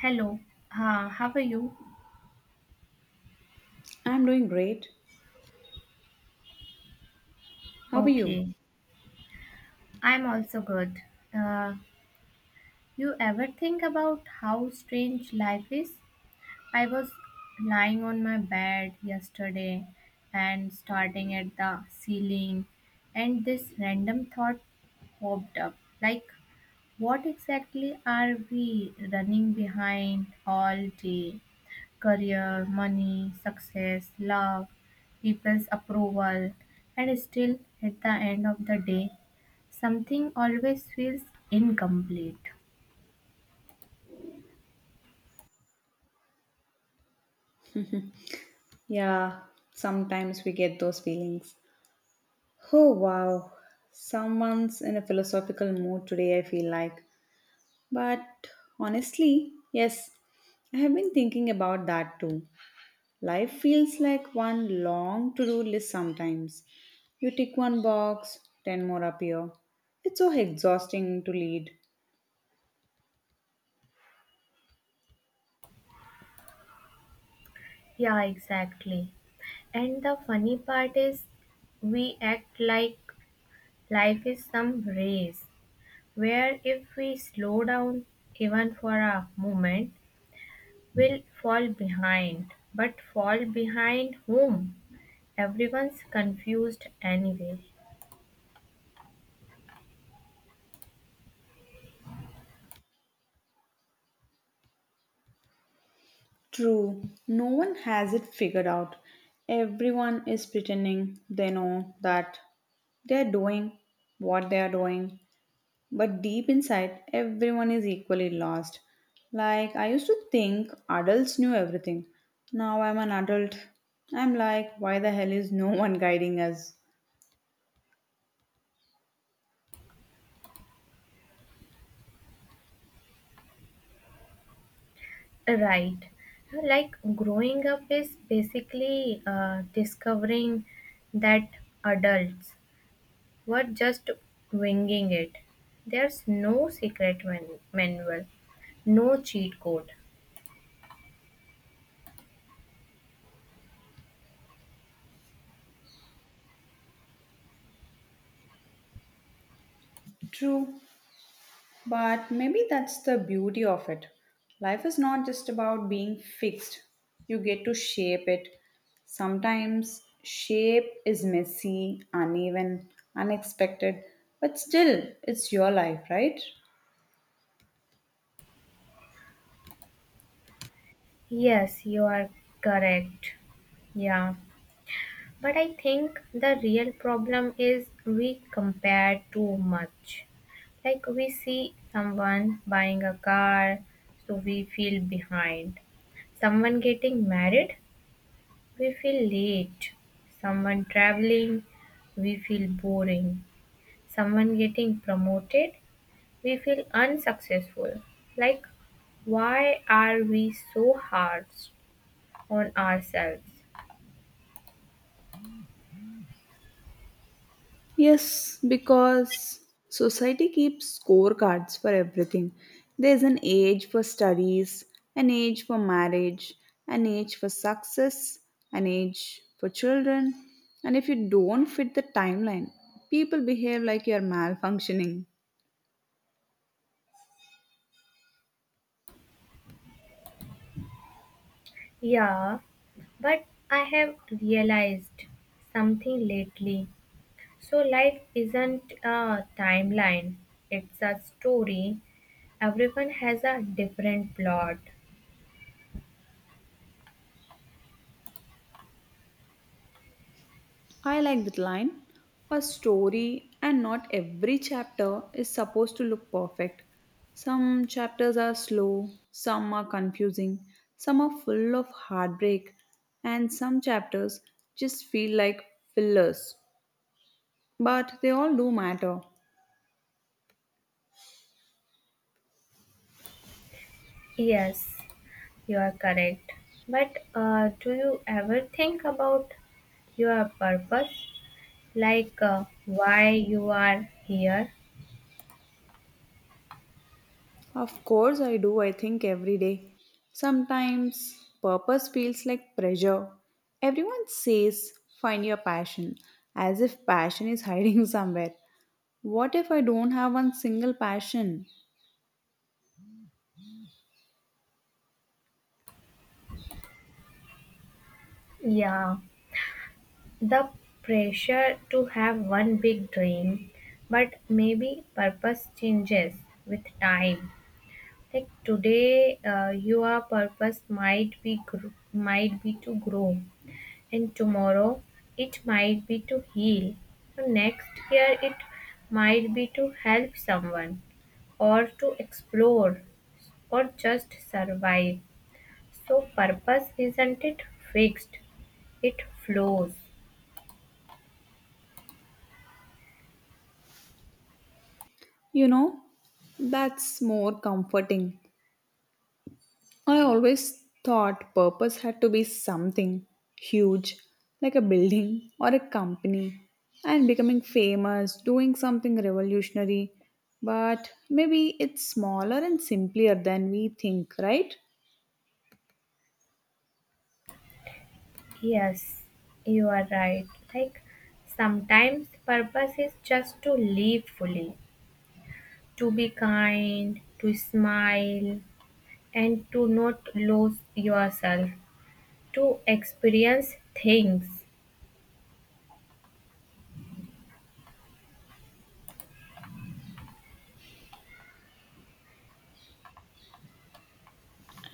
Hello, how are you? I'm doing great. How are you? Okay, I'm also good. Uh, you ever think about how strange life is? I was lying on my bed yesterday and starting at the ceiling, and this random thought popped up like, what exactly are we running behind all day? Career, money, success, love, people's approval, and still at the end of the day, something always feels incomplete. Yeah, sometimes we get those feelings. Oh, wow. Someone's in a philosophical mood today, I feel like. But honestly, yes, I have been thinking about that too. Life feels like one long to do list sometimes. You tick one box, ten more appear. It's so exhausting to lead. Yeah, exactly. And the funny part is, we act like life is some race where if we slow down even for a moment, will fall behind, but fall behind whom? Everyone's confused anyway. True, no one has it figured out. Everyone is pretending they know that they're doing what they are doing, but deep inside, everyone is equally lost. Like, I used to think adults knew everything. Now I'm an adult. I'm like, why the hell is no one guiding us? Right. Like growing up is basically discovering that adults were just winging it. There's no secret manual, no cheat code. True, but maybe that's the beauty of it. Life is not just about being fixed, you get to shape it. Sometimes shape is messy, uneven, unexpected, but still, it's your life, right? Yes, you are correct. Yeah. But I think the real problem is we compare too much. Like we see someone buying a car, so we feel behind. Someone getting married, we feel late. Someone traveling, we feel boring. Someone getting promoted, we feel unsuccessful. Like, why are we so hard on ourselves? Yes, because society keeps scorecards for everything. There's an age for studies, an age for marriage, an age for success, an age for children. And if you don't fit the timeline, people behave like you're malfunctioning. Yeah, but I have realized something lately. So, life isn't a timeline, it's a story. Everyone has a different plot. I like that line. A story, and not every chapter is supposed to look perfect. Some chapters are slow, some are confusing, some are full of heartbreak, and some chapters just feel like fillers. But they all do matter. Yes, you are correct. But do you ever think about your purpose? Like why you are here? Of course, I do, I think, every day. Sometimes purpose feels like pressure. Everyone says find your passion, as if passion is hiding somewhere. What if I don't have one single passion? Yeah. The pressure to have one big dream, but maybe purpose changes with time. Like today, your purpose might be might be to grow, and tomorrow it might be to heal. So next year it might be to help someone, or to explore, or just survive. So purpose isn't it fixed; it flows. You know, that's more comforting. I always thought purpose had to be something huge, like a building or a company, and becoming famous, doing something revolutionary. But maybe it's smaller and simpler than we think, right? Yes, you are right. Like sometimes purpose is just to live fully, to be kind, to smile, and to not lose yourself, to experience things.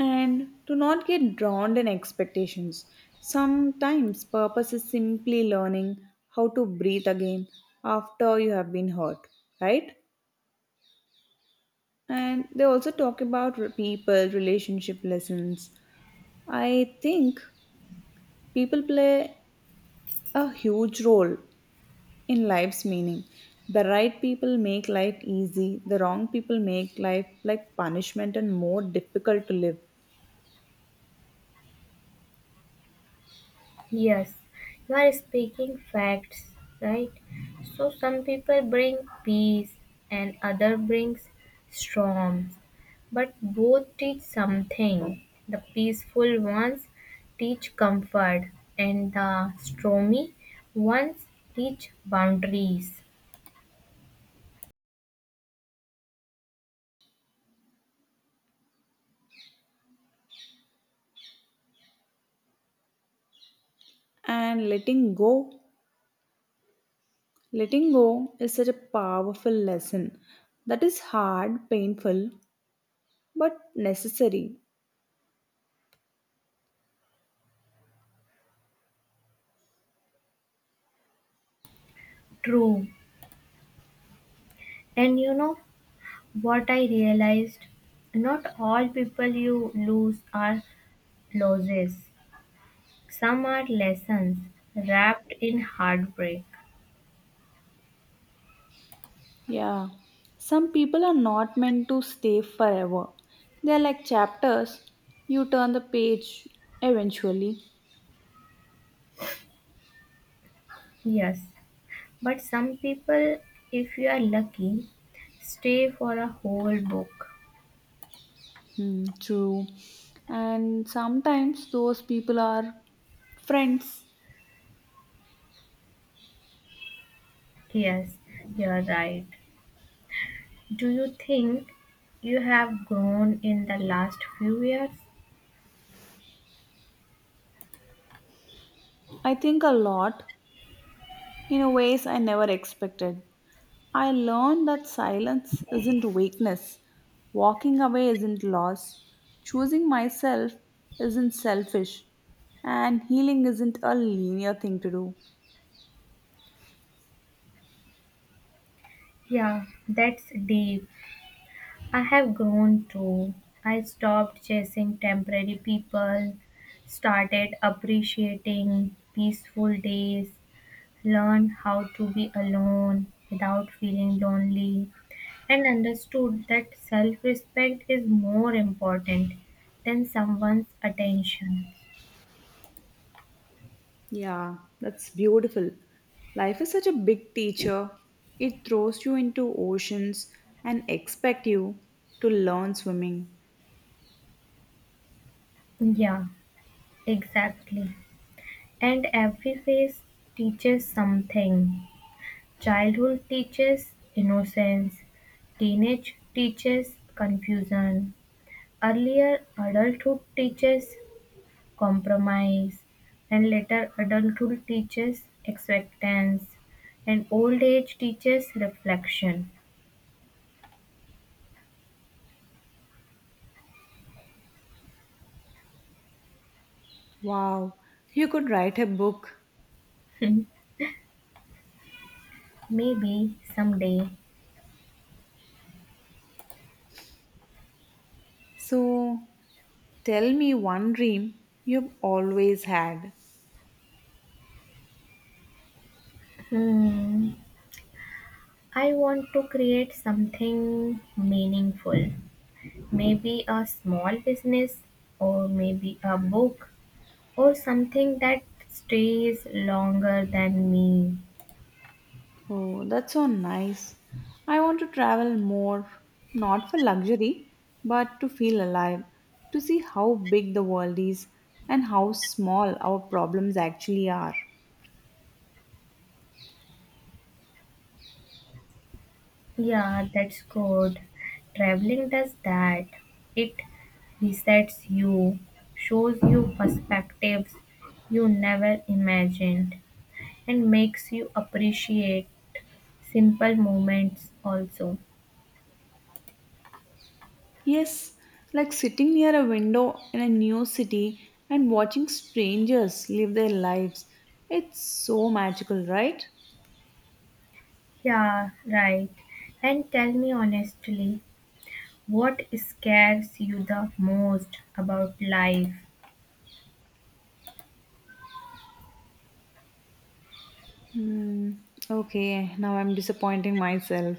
And do not get drowned in expectations. Sometimes purpose is simply learning how to breathe again after you have been hurt, right? And they also talk about people, relationship lessons. I think people play a huge role in life's meaning. The right people make life easy, the wrong people make life like punishment and more difficult to live. Yes, you are speaking facts, right? So some people bring peace and other brings storms, but both teach something. The peaceful ones teach comfort and the stormy ones teach boundaries. And letting go. Letting go is such a powerful lesson that is hard, painful, but necessary. True. And you know what I realized? Not all people you lose are losses. Some are lessons wrapped in heartbreak. Yeah, some people are not meant to stay forever. They are like chapters. You turn the page eventually. Yes, but some people, if you are lucky, stay for a whole book. Hmm, true. And sometimes those people are friends. Yes, you're right. Do you think you have grown in the last few years? I think a lot in a ways I never expected. I learned that silence isn't weakness, walking away isn't loss, choosing myself isn't selfish, and healing isn't a linear thing to do. Yeah, that's deep. I have grown too. I stopped chasing temporary people, started appreciating peaceful days, learned how to be alone without feeling lonely, and understood that self respect is more important than someone's attention. Yeah, that's beautiful. Life is such a big teacher. It throws you into oceans and expect you to learn swimming. Yeah, exactly. And every phase teaches something. Childhood teaches innocence, teenage teaches confusion, earlier adulthood teaches compromise, and later adulthood teaches acceptance, and old age teaches reflection. Wow, you could write a book. Maybe someday, So, tell me one dream you've always had. hmm, I want to create something meaningful. Maybe a small business, or maybe a book, or something that stays longer than me. Oh, that's so nice. I want to travel more, not for luxury, but to feel alive, to see how big the world is and how small our problems actually are. Yeah, that's good. Traveling does that. It resets you, shows you perspectives you never imagined, and makes you appreciate simple moments also. Yes, like sitting near a window in a new city and watching strangers live their lives. It's so magical, right? Yeah, right. And tell me honestly, what scares you the most about life? Hmm. Okay, now I'm disappointing myself.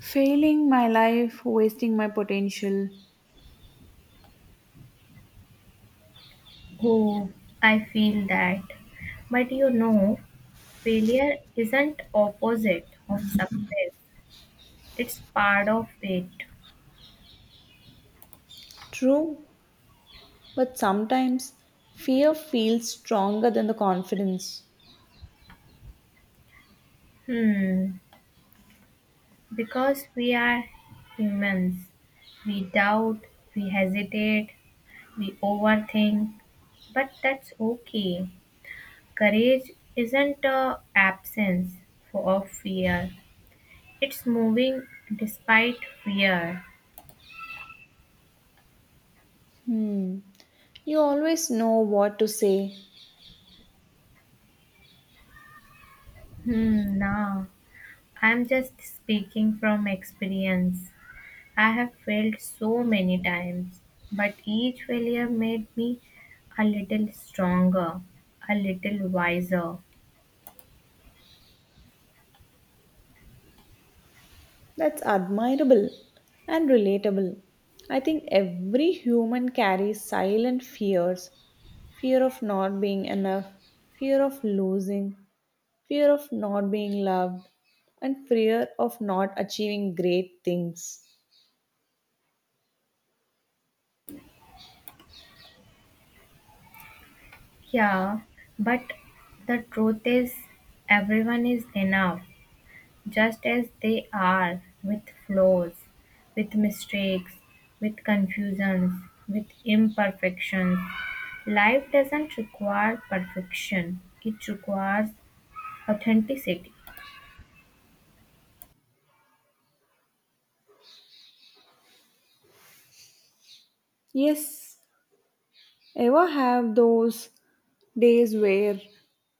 Failing my life, wasting my potential. Oh, I feel that. But you know, failure isn't opposite of success. It's part of it. True, but sometimes fear feels stronger than the confidence. Hmm. Because we are humans. We doubt, we hesitate, we overthink. But that's okay. Courage isn't a absence of fear. It's moving despite fear. Hmm. You always know what to say. Hmm, nah. I'm just speaking from experience. I have failed so many times, but each failure made me a little stronger, a little wiser. That's admirable and relatable. I think every human carries silent fears, fear of not being enough, fear of losing, fear of not being loved, and fear of not achieving great things. Yeah, but the truth is, everyone is enough, just as they are, with flaws, with mistakes, with confusions, with imperfections. Life doesn't require perfection, it requires authenticity. Yes, ever have those days where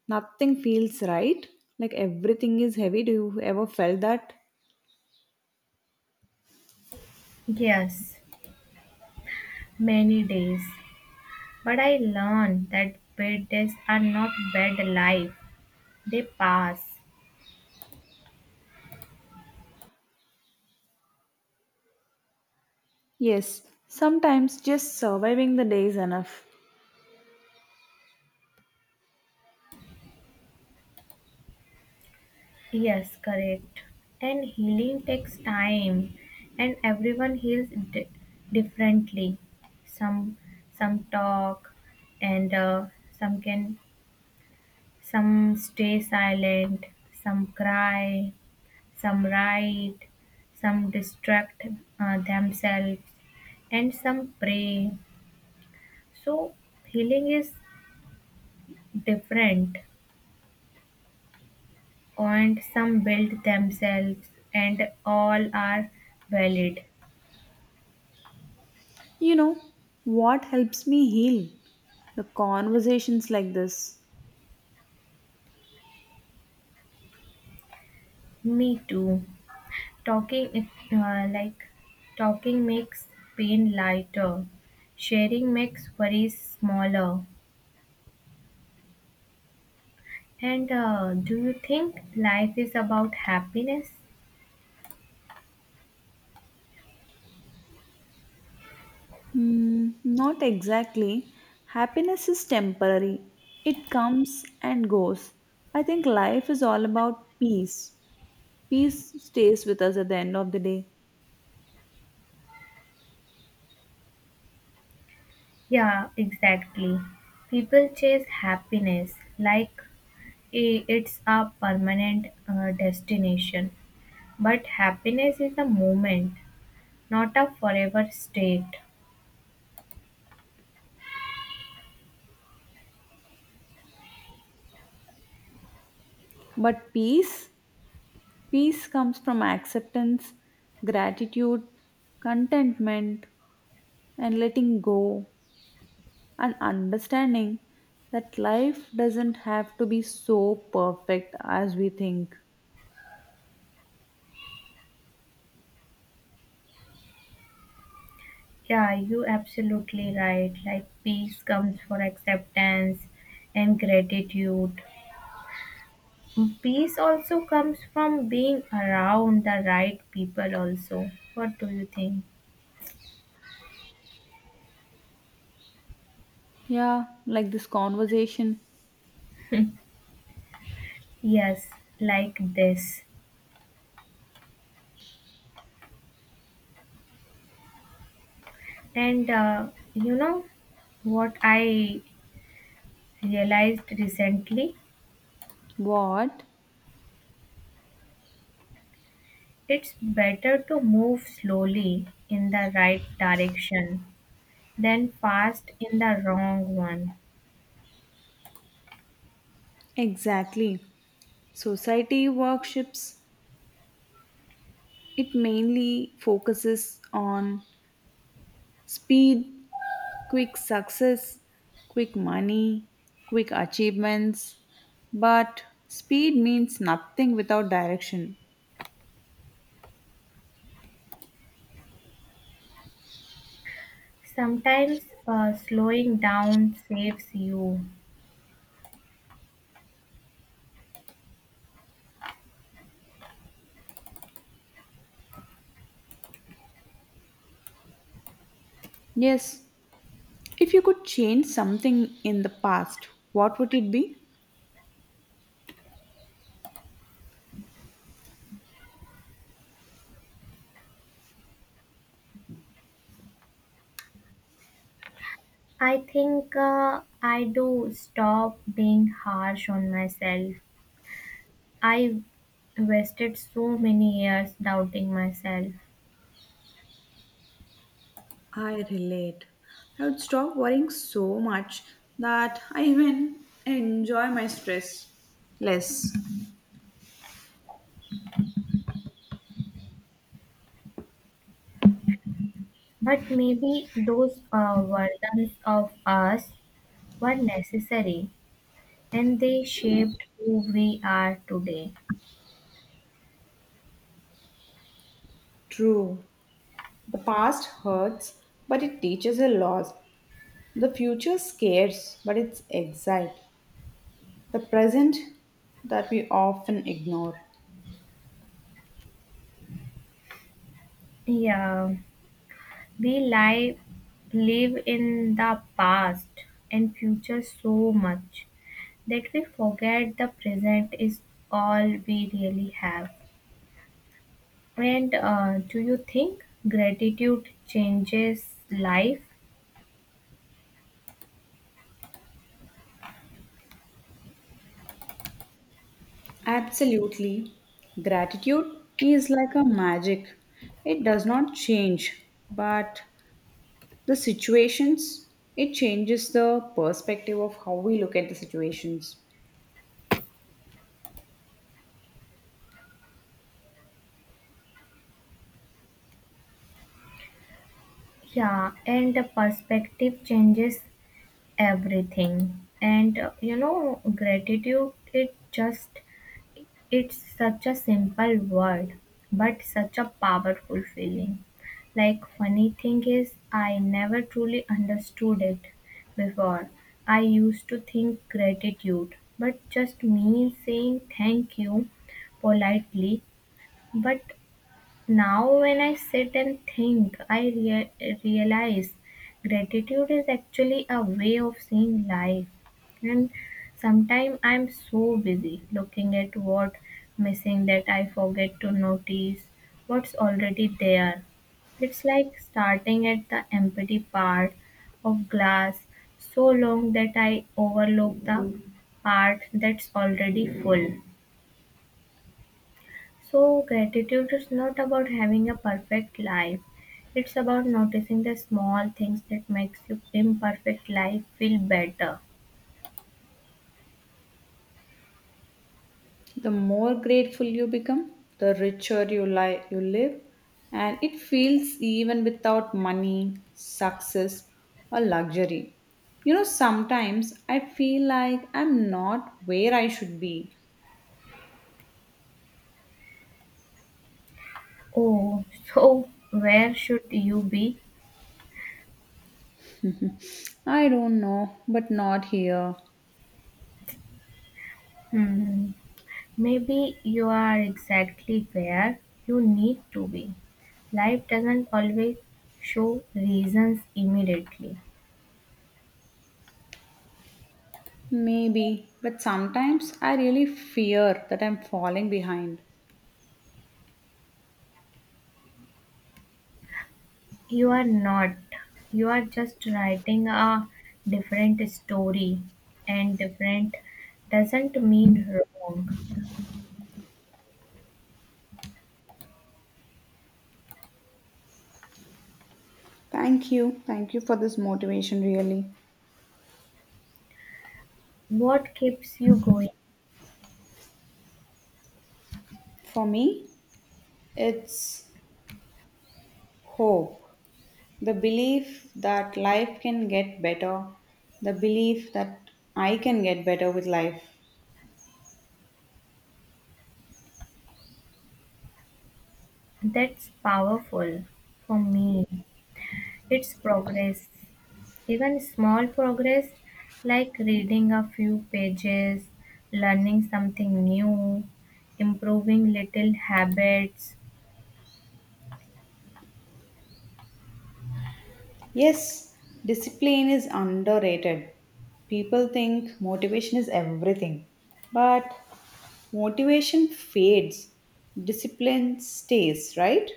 nothing feels right? Like everything is heavy? Do you ever felt that? Yes, many days, but I learned that bad days are not bad life, they pass. Yes, sometimes just surviving the day is enough. Yes, correct. And healing takes time, and everyone differently. Some some talk, and some can some stay silent, some cry, some write, some distract themselves, and some pray. So healing is different, and some build themselves and all are valid. You know what helps me heal? The conversations like this. Me too, talking like, talking makes pain lighter, sharing makes worries smaller. And do you think life is about happiness? Hmm, not exactly. Happiness is temporary, it comes and goes. I think life is all about peace. Peace stays with us at the end of the day. Yeah, exactly, people chase happiness like it's a permanent destination, but happiness is a moment, not a forever state. But peace. Peace comes from acceptance, gratitude, contentment, and letting go, and understanding that life doesn't have to be so perfect as we think. Yeah, you absolutely right. Like peace comes from acceptance and gratitude. Peace also comes from being around the right people also. What do you think? Yeah, like this conversation. Yes, like this. And you know what I realized recently? What? It's better to move slowly in the right direction than fast in the wrong one. Exactly. Society workshops, it mainly focuses on speed, quick success, quick money, quick achievements. But speed means nothing without direction. Sometimes slowing down saves you. Yes, if you could change something in the past, what would it be? I think I do stop being harsh on myself. I wasted so many years doubting myself. I relate. I would stop worrying so much that I even enjoy my stress less. But maybe those versions of us were necessary and they shaped who we are today. True. The past hurts, but it teaches a lot. The future scares, but it's exciting. The present that we often ignore. Yeah, we lie, live in the past and future so much, that we forget the present is all we really have. And do you think gratitude changes life? Absolutely. Gratitude is like a magic. It does not change, but the situations, it changes the perspective of how we look at the situations. Yeah, and the perspective changes everything. And you know, gratitude, it just, it's such a simple word, but such a powerful feeling. Like, funny thing is, I never truly understood it before. I used to think gratitude, but just me saying thank you politely. But now, when I sit and think, I realize gratitude is actually a way of seeing life. And sometimes I'm so busy looking at what missing that I forget to notice what's already there. It's like starting at the empty part of glass so long that I overlook the part that's already full. So, gratitude is not about having a perfect life. It's about noticing the small things that makes your imperfect life feel better. The more grateful you become, the richer you live, and it feels even without money, success, or luxury. You know, sometimes I feel like I'm not where I should be. Oh, so where should you be? I don't know, but not here. Hmm. Maybe you are exactly where you need to be. Life doesn't always show reasons immediately. Maybe, but sometimes I really fear that I'm falling behind. You are not. You are just writing a different story, and different doesn't mean wrong. Thank you. Thank you for this motivation, really. What keeps you going? For me, it's hope. The belief that life can get better. The belief that I can get better with life. That's powerful. For me, it's progress. Even small progress, like reading a few pages, learning something new, improving little habits. Yes, discipline is underrated. People think motivation is everything. But motivation fades, discipline stays, right?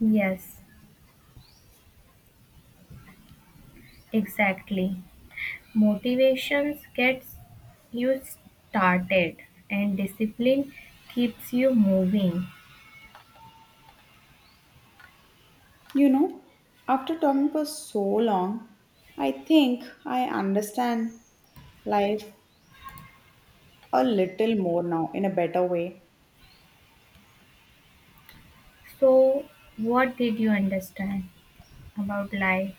Yes, exactly. Motivation gets you started and discipline keeps you moving. You know, after talking for so long, I think I understand life a little more now in a better way. So, what did you understand about life?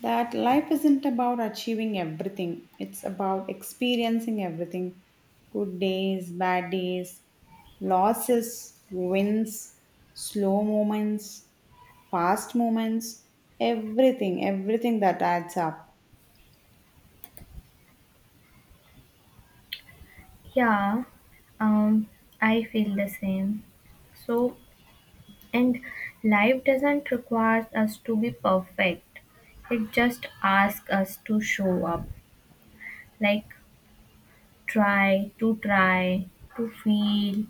That life isn't about achieving everything, it's about experiencing everything, good days, bad days, losses, wins, slow moments, fast moments, everything, everything that adds up. Yeah, um, I feel the same. So, and life doesn't require us to be perfect, it just asks us to show up. Like, try, to try, to feel,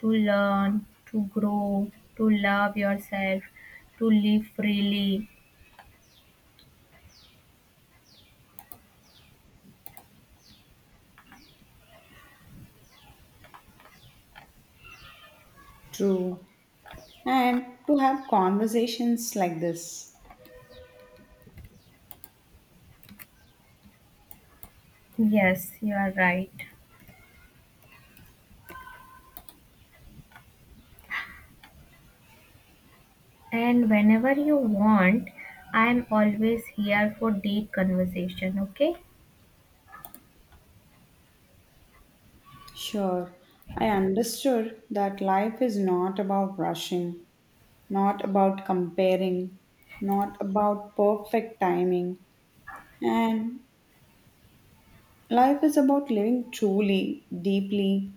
to learn, to grow, to love yourself, to live freely. True. And to have conversations like this. Yes, you are right. And whenever you want, I am always here for deep conversation, okay? Sure. I understood that life is not about rushing, not about comparing, not about perfect timing. And life is about living truly, deeply,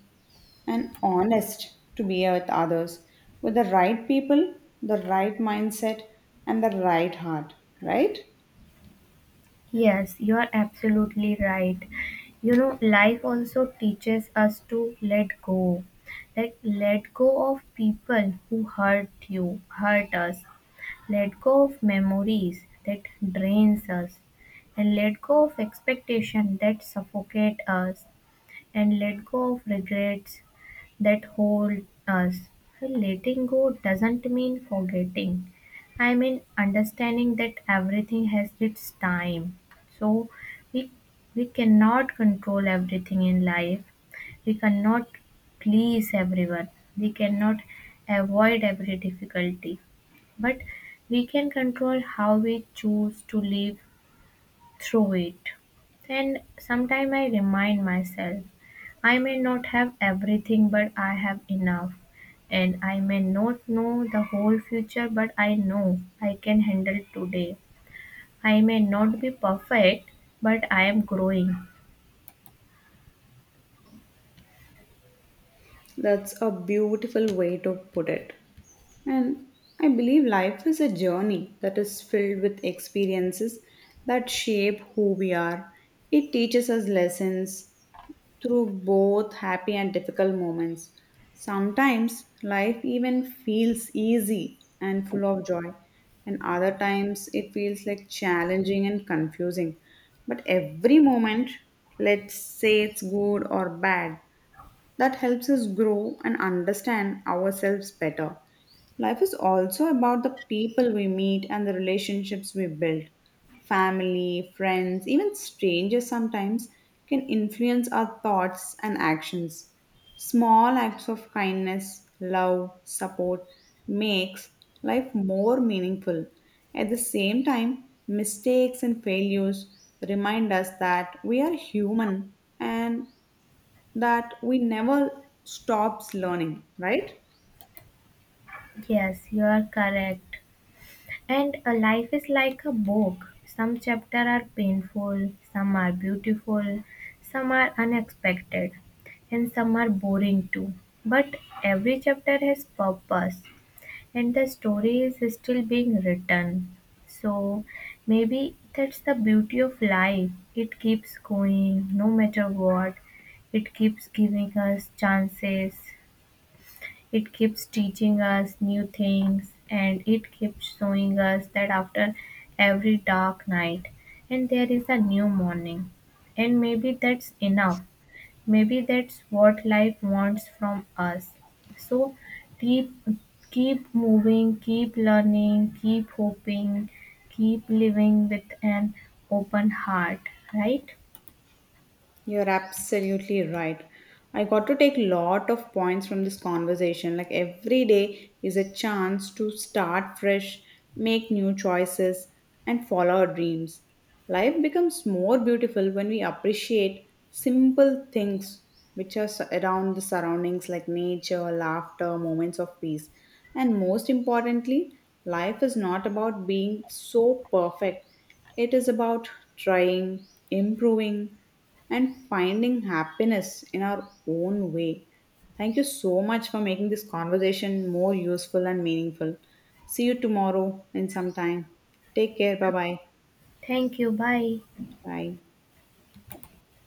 and honest to be with others with the right people, the right mindset, and the right heart, right? Yes, you are absolutely right. You know, life also teaches us to let go. Like, let go of people who hurt you, hurt us, let go of memories that drains us, and let go of expectation that suffocate us, and let go of regrets that hold us. Well, letting go doesn't mean forgetting. I mean understanding that everything has its time. So we we cannot control everything in life. We cannot please everyone. We cannot avoid every difficulty. But we can control how we choose to live through it. And sometime I remind myself, I may not have everything, but I have enough. And I may not know the whole future, but I know I can handle today. I may not be perfect, but I am growing. That's a beautiful way to put it. And I believe life is a journey that is filled with experiences that shape who we are. It teaches us lessons through both happy and difficult moments. Sometimes life even feels easy and full of joy, and other times it feels like challenging and confusing. But every moment, let's say it's good or bad, that helps us grow and understand ourselves better. Life is also about the people we meet and the relationships we build. Family, friends, even strangers sometimes can influence our thoughts and actions. Small acts of kindness, love, support makes life more meaningful. At the same time, mistakes and failures remind us that we are human and that we never stops learning, right? Yes, you are correct. And a life is like a book. Some chapters are painful, some are beautiful, some are unexpected, and some are boring too. But every chapter has purpose, and the story is still being written. So maybe that's the beauty of life. It keeps going no matter what. It keeps giving us chances, it keeps teaching us new things, and it keeps showing us that after every dark night and there is a new morning. And maybe that's enough. Maybe that's what life wants from us. So keep keep moving, keep learning, keep hoping, keep living with an open heart, right? You're absolutely right. I got to take lot of points from this conversation. Like every day is a chance to start fresh, make new choices, and follow our dreams. Life becomes more beautiful when we appreciate simple things which are around the surroundings like nature, laughter, moments of peace. And most importantly, life is not about being so perfect. It is about trying, improving, and finding happiness in our own way. Thank you so much for making this conversation more useful and meaningful. See you tomorrow in some time. Take care. Bye-bye. Thank you. Bye. Bye. Bye.